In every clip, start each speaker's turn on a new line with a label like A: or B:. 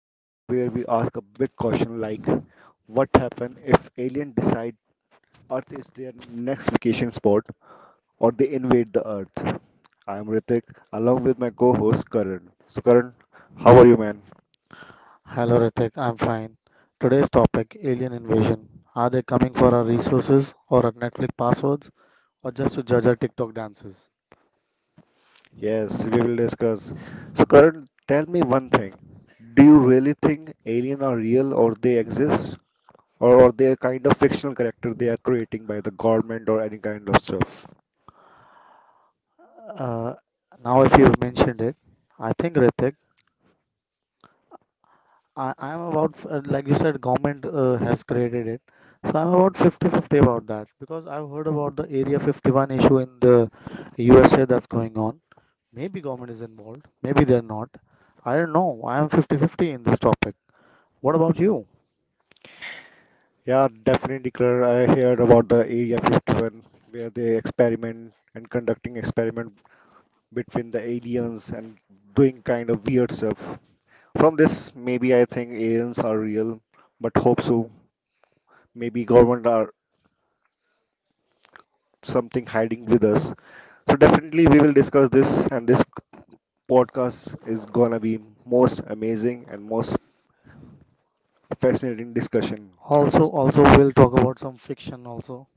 A: the show where we ask a big question like what happens if alien decide Earth is their next vacation spot or they invade the Earth. I am Ritik along with my co-host Karan. So Karan, how are you man?
B: Hello Ritik, I'm fine. Today's topic alien invasion. Are they coming for our resources or our Netflix passwords or just to judge our TikTok dances?
A: Yes, we will discuss. So Karan, tell me one thing. Do you really think alien are real or they exist or they are kind of fictional character they are creating by the government or any kind of stuff?
B: Uh, Now, if you've mentioned it, I think Ritik, I'm about, like you said, government has created it. So I'm about 50-50 about that because I've heard about the Area 51 issue in the USA that's going on. Maybe government is involved, maybe they're not. I don't know. I'm 50-50 in this topic. What about you?
A: Yeah, definitely, Claire. I heard about the Area 51 where they experiment and continuing experiment with the aliens and doing kind of weird stuff. From this, maybe I think aliens are real, but hope so. Maybe government are something hiding with us. So definitely we will discuss this and this podcast is gonna be most amazing and most fascinating discussion.
B: Also we'll talk about some fiction also.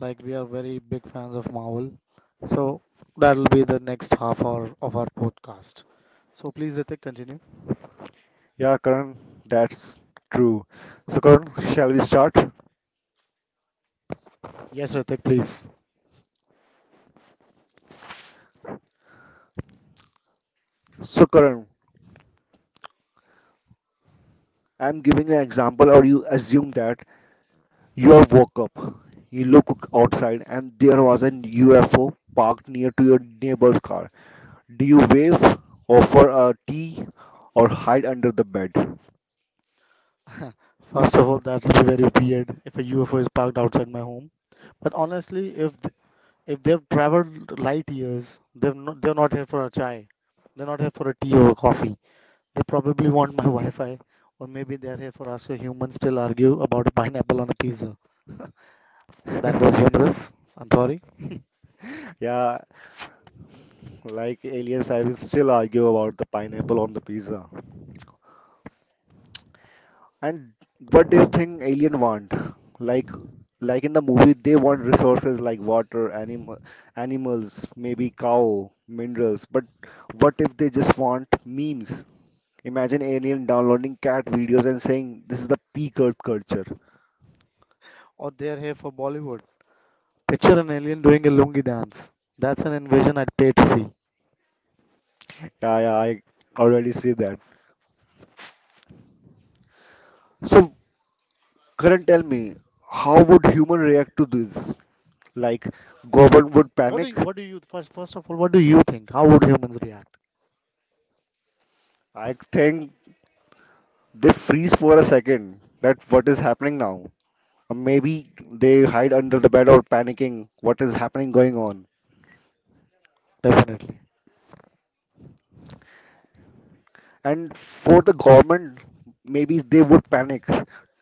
B: Like we are very big fans of Marvel. So that'll be the next half hour of our podcast. So please, Ritik, continue.
A: Yeah, Karan, that's true. So Karan, shall we start?
B: Yes, Ritik, please.
A: So Karan, I'm giving an example, or you assume that you have woke up, you look outside, and there was an UFO parked near to your neighbor's car. Do you wave, offer a tea, or hide under the bed?
B: First of all, that'll be very weird if a UFO is parked outside my home. But honestly, if they've traveled light years, they're not here for a chai. They're not here for a tea or a coffee. They probably want my Wi-Fi, or maybe they're here for us. So humans still argue about a pineapple on a pizza. That was humorous. I'm sorry.
A: Yeah, like aliens, I will still argue about the pineapple on the pizza. And what do you think alien want? Like, like in movie, they want resources like water, animal, animals, maybe cow, minerals. But what if they just want memes? Imagine alien downloading cat videos and saying this is the peak of culture.
B: Or they're here for Bollywood. Picture an alien doing a lungi dance. That's an invasion I'd pay to see.
A: I already see that. So, Karan, tell me, how would human react to this? Like, government would panic?
B: What do you first first of all what do you think? How would humans react?
A: I think they freeze for a second. That what is happening now? Or maybe they hide under the bed or panicking. What is happening going on?
B: Definitely.
A: And for the government, maybe they would panic,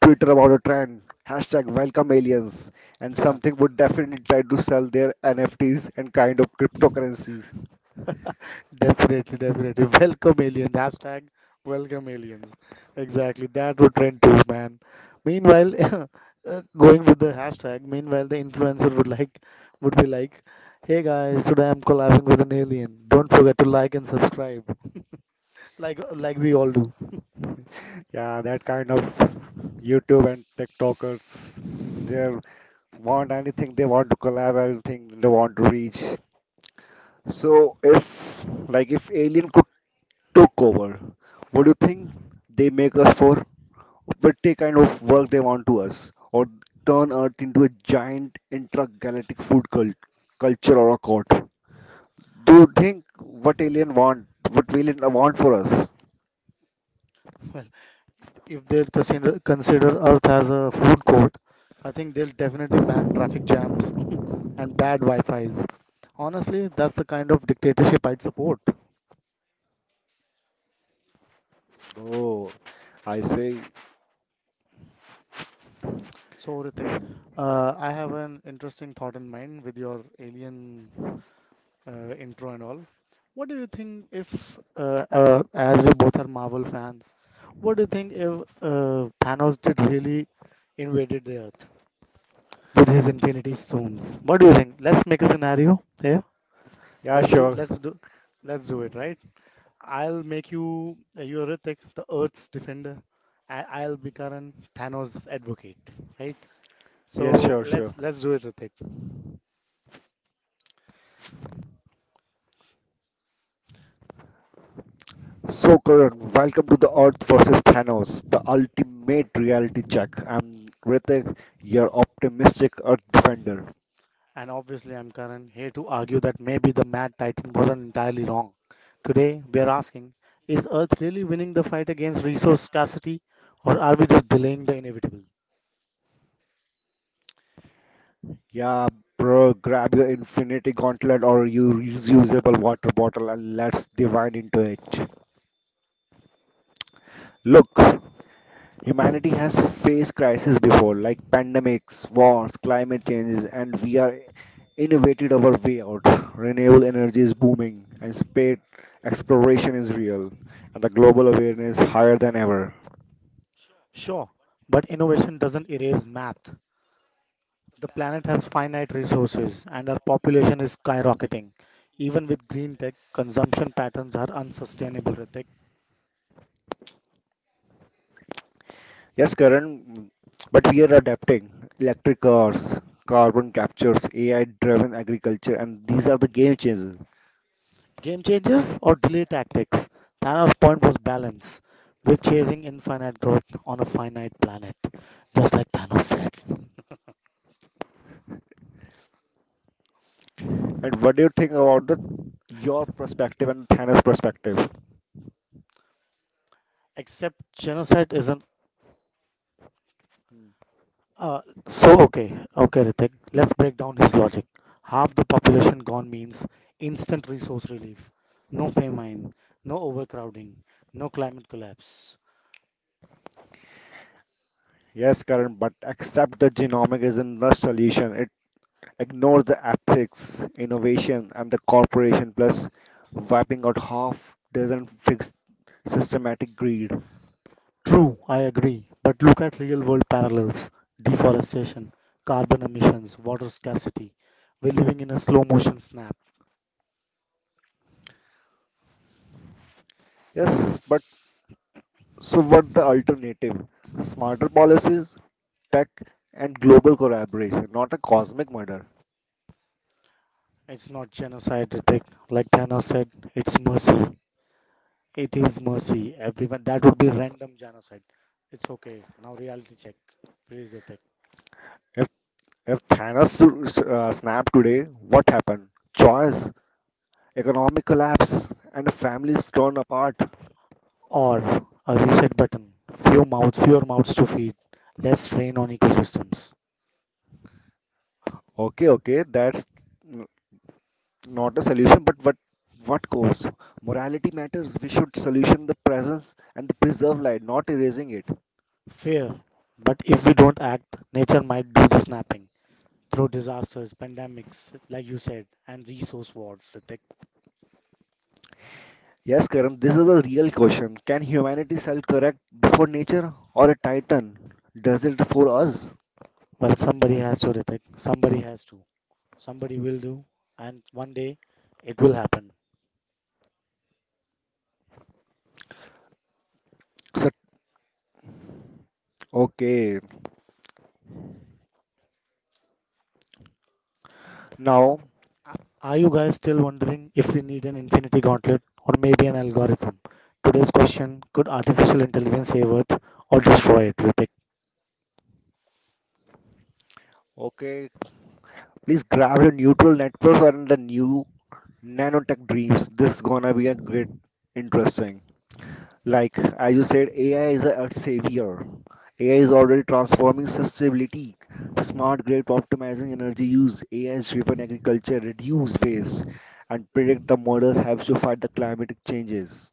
A: Twitter about a trend, hashtag welcome aliens, and something would definitely try to sell their NFTs and kind of cryptocurrencies.
B: Definitely, definitely. Welcome aliens. Hashtag welcome aliens. Exactly. That would trend too, man. Meanwhile, going with the hashtag, meanwhile the influencer would be like, hey guys, today I'm collabing with an alien. Don't forget to like and subscribe. Like we all do.
A: Yeah, that kind of YouTube and TikTokers, they want anything, they want to collab anything, they want to reach. So if like if alien could took over, what do you think they make us for? Petty kind of work they want to us, or turn Earth into a giant intergalactic food cult, culture or a cult. Do you think what alien want for us?
B: Well, if they'll consider Earth as a food court, I think they'll definitely ban traffic jams and bad Wi-Fis. Honestly, that's the kind of dictatorship I'd support.
A: Oh, I see.
B: So, Ritik, I have an interesting thought in mind with your alien intro and all. What do you think if, as we both are Marvel fans, what do you think if Thanos did really invaded the Earth? With his infinity stones. What do you think? Let's make a scenario here.
A: Yeah,
B: Let's do
A: sure.
B: let's do let's do it, right? I'll make you You're Hrithik, the Earth's defender, and I'll be Karan, Thanos' advocate, right?
A: Yes,
B: So
A: sure, sure.
B: let's do it, Hrithik.
A: So Karan, welcome to the Earth versus Thanos, the ultimate reality check. I'm Ritik, your optimistic Earth defender.
B: And obviously, I'm Karan here to argue that maybe the Mad Titan wasn't entirely wrong. Today, we are asking: is Earth really winning the fight against resource scarcity, or are we just delaying the inevitable?
A: Yeah, bro, grab your infinity gauntlet or your reusable water bottle and let's divine into it. Look, humanity has faced crises before, like pandemics, wars, climate changes, and we are innovated our way out. Renewable energy is booming, and space exploration is real, and the global awareness higher than ever.
B: Sure, but innovation doesn't erase math. The planet has finite resources and our population is skyrocketing. Even with green tech, consumption patterns are unsustainable, Ritik.
A: Yes, Karan, but we are adapting. Electric cars, carbon captures, AI-driven agriculture, and these are the game changers.
B: Game changers or delay tactics? Thanos' point was balance. We're chasing infinite growth on a finite planet, just like Thanos said.
A: And what do you think about the your perspective and Thanos' perspective?
B: Except genocide isn't.
A: Hmm.
B: Uh, so, okay, okay, Ritik, let's break down his logic. Half the population gone means instant resource relief, no famine, no overcrowding, no climate collapse.
A: Yes, Karan, but accept the genomic isn't the solution. It ignores the ethics, innovation, and the corporation, plus wiping out half doesn't fix systematic greed.
B: True, I agree. But look at real world parallels: deforestation, carbon emissions, water scarcity. We're living in a slow motion snap.
A: Yes, but so what the alternative? Smarter policies, tech, and global collaboration, not a cosmic murder.
B: It's not genocide, Ritik. Like Diana said, it's mercy. It is mercy. Everyone, that would be random genocide. It's okay. Now, reality check, please, Ritik.
A: If if Thanos snapped today, what happened? Choice, economic collapse, and families torn apart.
B: Or a reset button. Fewer mouths to feed, less strain on ecosystems.
A: Okay, okay, that's n- not a solution, but what cause? Morality matters. We should solution the presence and the preserve life, not erasing it.
B: Fair. But if we don't act, nature might do the snapping, through disasters, pandemics, like you said, and resource wars, Ritik.
A: Yes, Karan, this is a real question. Can humanity self-correct before nature or a titan? Does it for us?
B: Well, somebody has to, Ritik. Somebody has to. Somebody will do, and one day it will happen.
A: So, okay, now,
B: A- Are you guys still wondering if we need an infinity gauntlet or maybe an algorithm? Today's question: could artificial intelligence save Earth or destroy it, Ritik?
A: okay, please grab your neutral network and the new nanotech dreams. This is gonna be a great, interesting. Like as you said, AI is a savior. AI is already transforming sustainability, smart grid optimizing energy use, AI-driven agriculture, reduce waste, and predict the models helps you fight the climatic changes.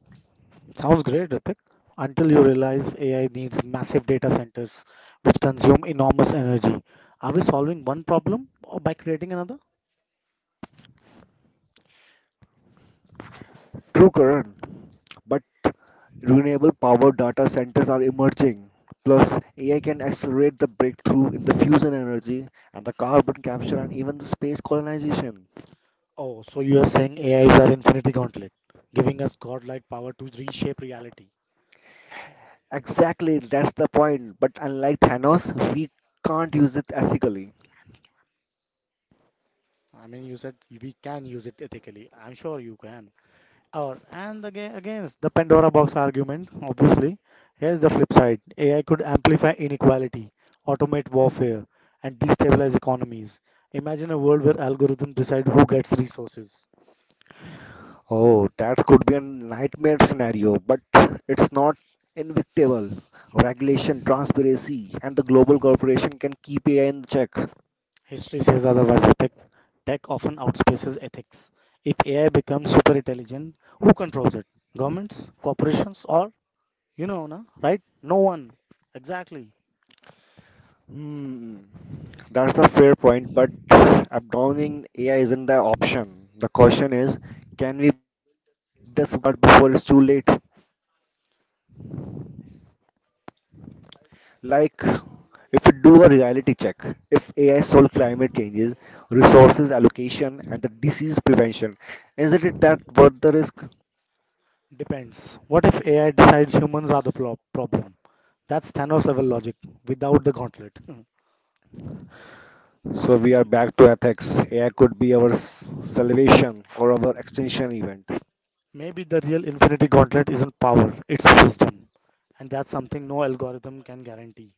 B: Sounds great, Ritik. Until you realize AI needs massive data centers which consume enormous energy. Are we solving one problem or by creating another?
A: True, Karan. But renewable power data centers are emerging. Plus, AI can accelerate the breakthrough in the fusion energy and the carbon capture and even the space colonization.
B: Oh, so you are saying AI is our infinity gauntlet, giving us godlike power to reshape reality.
A: Exactly, that's the point. But unlike Thanos, we can't use it ethically.
B: I mean, you said we can use it ethically. I'm sure you can. Or and again, against the Pandora box argument, obviously, here's the flip side: AI could amplify inequality, automate warfare, and destabilize economies. Imagine a world where algorithms decide who gets resources.
A: Oh, that could be a nightmare scenario, but it's not invictable. Regulation, transparency, and the global corporation can keep AI in check.
B: History says otherwise. Tech often outpaces ethics. If AI becomes super intelligent, who controls it? Governments, corporations, or you know, na, right? No one. Exactly.
A: Hmm, that's a fair point, but abandoning AI isn't the option. The question is, can we prevent it before it's too late? Like if we do a reality check, if AI solved climate changes, resources allocation, and the disease prevention, isn't it that worth the risk?
B: Depends. What if AI decides humans are the problem? That's Thanos level logic without the gauntlet.
A: So we are back to ethics. AI could be our salvation or our extinction event,
B: Maybe the real infinity gauntlet isn't power, it's wisdom. And that's something no algorithm can guarantee.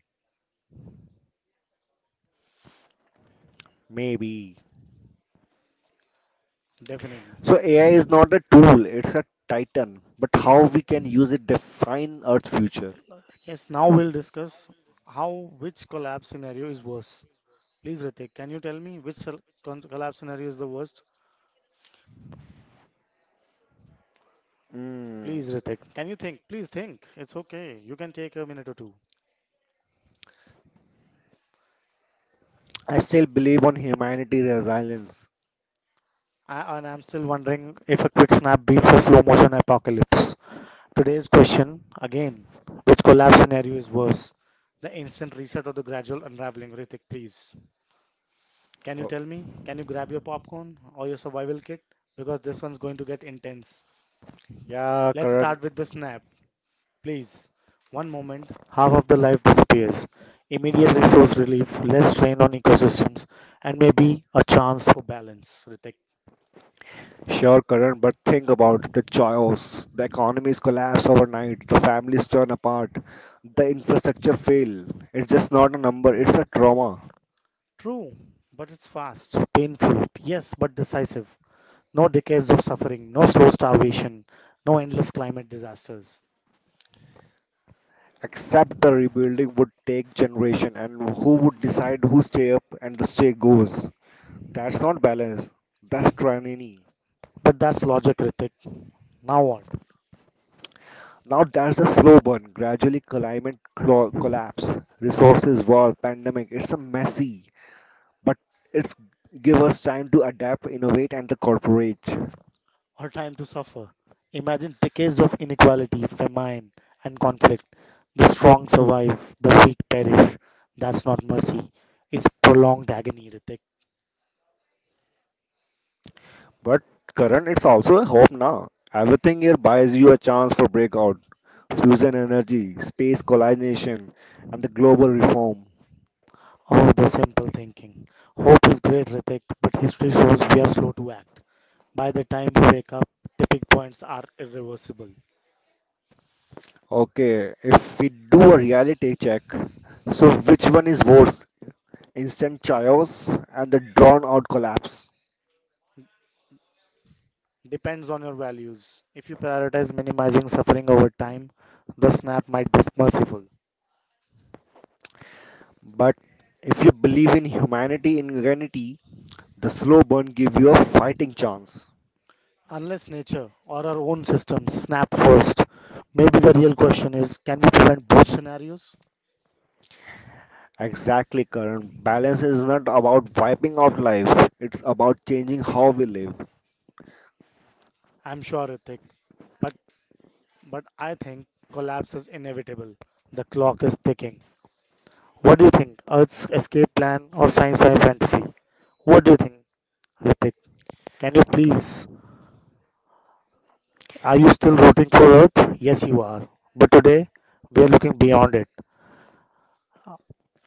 A: maybe.
B: Definitely.
A: So AI is not a tool; it's a titan. But how we can use it define Earth's future?
B: Yes, now we'll discuss how, which collapse scenario is worse. Please, Ritik, can you tell me which collapse scenario is the worst? Please,
A: Mm,
B: Ritik, can you think? Please think. It's okay. You can take a minute or two.
A: I still believe on humanity resilience.
B: I'm still wondering if a quick snap beats a slow motion apocalypse. Today's question again, which collapse scenario is worse? The instant reset or the gradual unraveling, Ritik, please. Can you
A: Oh,
B: tell me? Can you grab your popcorn or your survival kit? Because this one's going to get intense.
A: yeah,
B: Let's
A: current.
B: start with the snap. Please, one moment, half of the life disappears. Immediate resource relief, less strain on ecosystems, and maybe a chance for balance. Ritik.
A: Sure, Karan, but think about the chaos. The economies collapse overnight, the families turn apart, the infrastructure fail. It's just not a number, it's a trauma.
B: True, but it's fast, painful, yes, but decisive. No decades of suffering, no slow starvation, no endless climate disasters.
A: Except the rebuilding would take generation and who would decide who stay up and the stay goes. That's not balance. That's tyranny.
B: But that's logic, Ritik. Now what?
A: Now that's a slow burn, gradually climate collapse, resources war, pandemic. It's a messy, but it's give us time to adapt, innovate, and the corporate.
B: Or time to suffer. Imagine decades of inequality, famine, and conflict. The strong survive, the weak perish. That's not mercy. It's prolonged agony, Ritik.
A: But Karan, it's also a hope now. Everything here buys you a chance for breakout, fusion energy, space colonization, and the global reform.
B: Oh, the simple thinking. Hope is great, Ritik, but history shows we are slow to act. By the time we wake up, tipping points are irreversible.
A: Okay, if we do a reality check, so which one is worse? Instant chaos and the drawn out collapse.
B: Depends on your values. If you prioritize minimizing suffering over time, the snap might be merciful.
A: But if you believe in humanity in unity, the slow burn give you a fighting chance.
B: Unless nature or our own systems snap first, maybe the real question is can we prevent both scenarios?
A: Exactly, Karan. Balance is not about wiping out life, it's about changing how we live.
B: I'm sure, Ritik. But, but I think collapse is inevitable. The clock is ticking. What do you think? Earth's escape plan or science fi fantasy? What do you think, Ritik? Can you please? Are you still rooting for Earth? Yes, you are. But today, we are looking beyond it.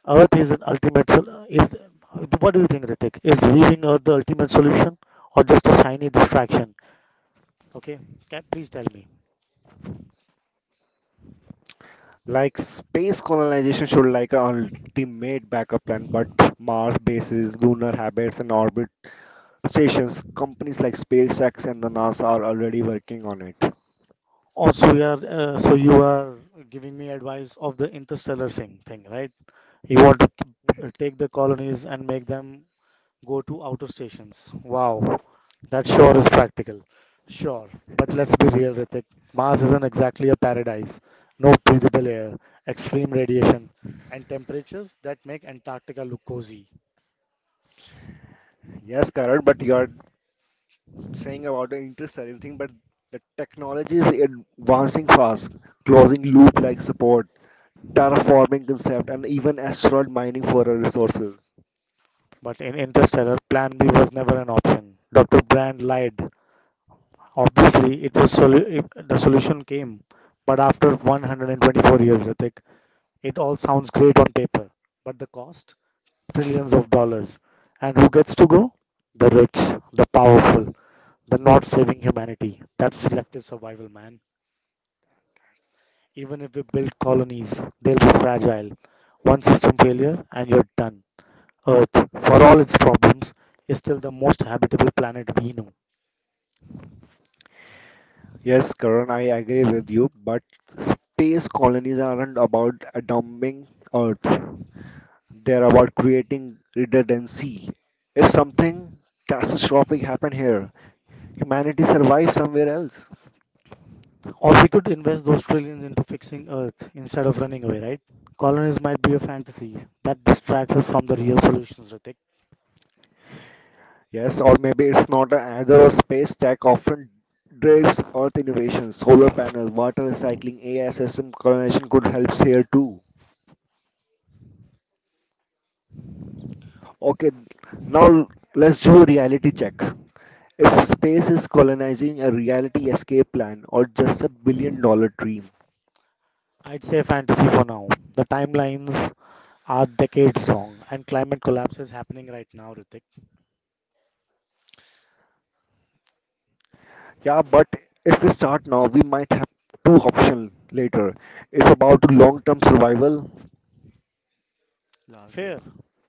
B: Earth is an ultimate sol- is What do you think, Ritik? Is leaving Earth the ultimate solution or just a shiny distraction? Okay, can please tell me.
A: Like space colonization should like an ultimate backup plan, but Mars bases, lunar habits, and orbit stations, companies like SpaceX and the NASA are already working on it.
B: Also, you are so you are giving me advice of the interstellar thing, right? You want to take the colonies and make them go to outer stations. Wow, that sure is practical. Sure, but let's be real, Ritik. Mars isn't exactly a paradise. No breathable air, extreme radiation, and temperatures that make Antarctica look cozy.
A: Yes, Karan, but you are saying about the interstellar thing, but the technology is advancing fast, closing loop like support, terraforming concept, and even asteroid mining for our resources.
B: But in Interstellar, Plan B was never an option. Dr. Brand lied. Obviously, the solution came, but after 124 years, Ritik, it all sounds great on paper. But the cost? Trillions of dollars. And who gets to go? The rich, the powerful, the not saving humanity. That's selective survival, man. Even if we build colonies, they'll be fragile. One system failure and you're done. Earth, for all its problems, is still the most habitable planet we know.
A: Yes, Karan, I agree with you, but space colonies aren't about dumping Earth. They're about creating redundancy. If something catastrophic happen here, humanity survives somewhere else.
B: Or we could invest those trillions into fixing Earth instead of running away, right? Colonies might be a fantasy that distracts us from the real solutions, Ritik.
A: Yes, or maybe it's not an either or space tech often drives Earth innovation. Solar panels, water recycling, AI system colonization could help here too. Okay, now let's do a reality check. If space is colonizing a reality escape plan or just a billion-dollar dream,
B: I'd say fantasy for now. The timelines are decades long and climate collapse is happening right now, Ritik.
A: yeah, but if we start now, we might have two options later. It's about long-term survival. Last year.
B: Fair.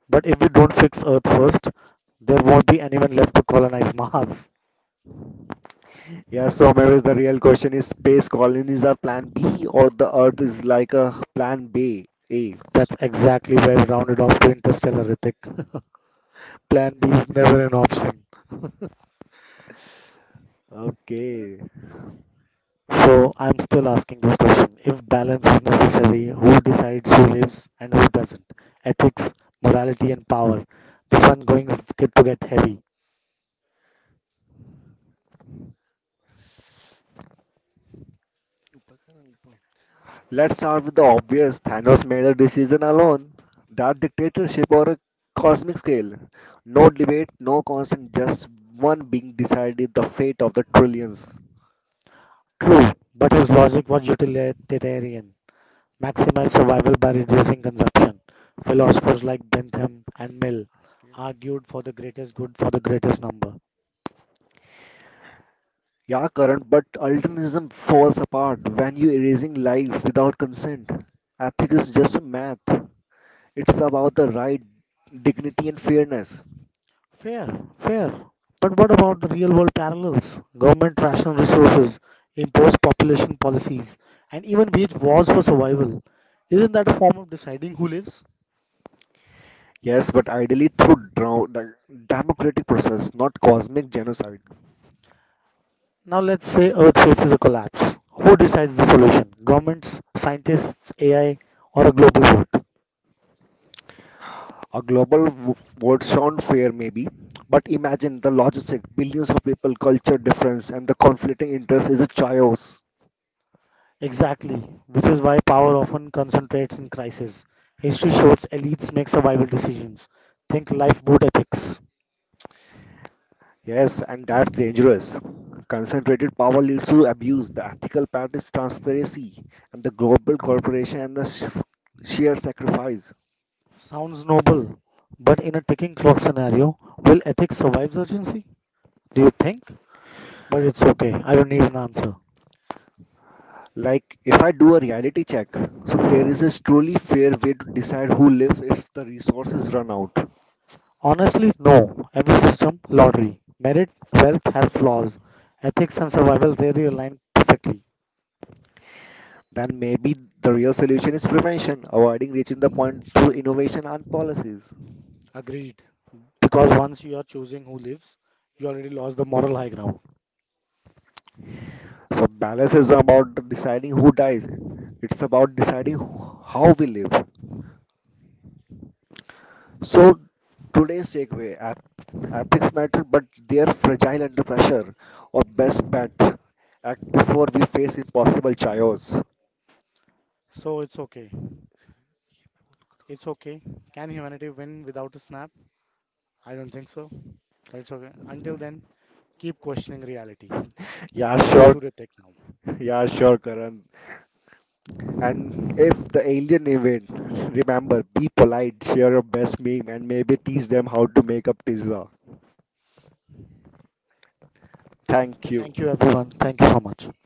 B: But if we don't fix Earth first, there won't be anyone left to colonize Mars.
A: Yeah, so maybe the real question is space colonies are plan B or the Earth is like a plan B. A.
B: That's exactly where I rounded off to Interstellar, Ritik. Plan B is never an option.
A: Okay.
B: So I'm still asking this question. If balance is necessary, who decides who lives and who doesn't? Ethics, morality, and power. This one going to get heavy.
A: Let's start with the obvious. Thanos made a decision alone. That dictatorship or a cosmic scale. No debate, no consent, just one being decided the fate of the trillions.
B: True, but his logic was utilitarian: maximize survival by reducing consumption. Philosophers like Bentham and Mill argued for the greatest good for the greatest number.
A: Yeah, current, but ultimatism falls apart when you're erasing life without consent. Ethics is just a math. It's about the right, dignity, and fairness.
B: Fair, fair. But what about the real world parallels? Government ration resources, imposed population policies, and even wage wars for survival. Isn't that a form of deciding who lives?
A: Yes, but ideally through the democratic process, not cosmic genocide.
B: Now let's say Earth faces a collapse. Who decides the solution? Governments, scientists, AI, or a global vote?
A: A global vote sound fair, maybe, but imagine the logistic, billions of people, culture difference, and the conflicting interest is a chaos.
B: Exactly, which is why power often concentrates in crisis. History shows elites make survival decisions. Think lifeboat ethics.
A: Yes, and that's dangerous. Concentrated power leads to abuse. The ethical part is transparency, and the global corporation and the sheer sacrifice.
B: Sounds noble, but in a ticking clock scenario, will ethics survive urgency? Do you think? But it's okay, I don't need an answer.
A: Like, if I do a reality check, so there is a truly fair way to decide who lives if the resources run out.
B: Honestly, no. Every system, lottery, merit, wealth has flaws. Ethics and survival rarely align perfectly.
A: Then maybe the real solution is prevention, avoiding reaching the point through innovation and policies.
B: Agreed. Because once you are choosing who lives, you already lost the moral high ground.
A: So, balance is about deciding who dies, it's about deciding how we live. So, today's takeaway epics matter, but they're fragile under pressure. Or best bet, act before we face impossible chaos.
B: So it's okay. It's okay. Can humanity win without a snap? I don't think so. But it's okay. Until then, keep questioning reality.
A: Yeah,
B: We
A: sure.
B: go to the tech now.
A: Yeah, sure, Karan. And if the alien event, remember, be polite, share your best meme, and maybe teach them how to make a pizza. Thank you.
B: Thank you, everyone. Thank you so much.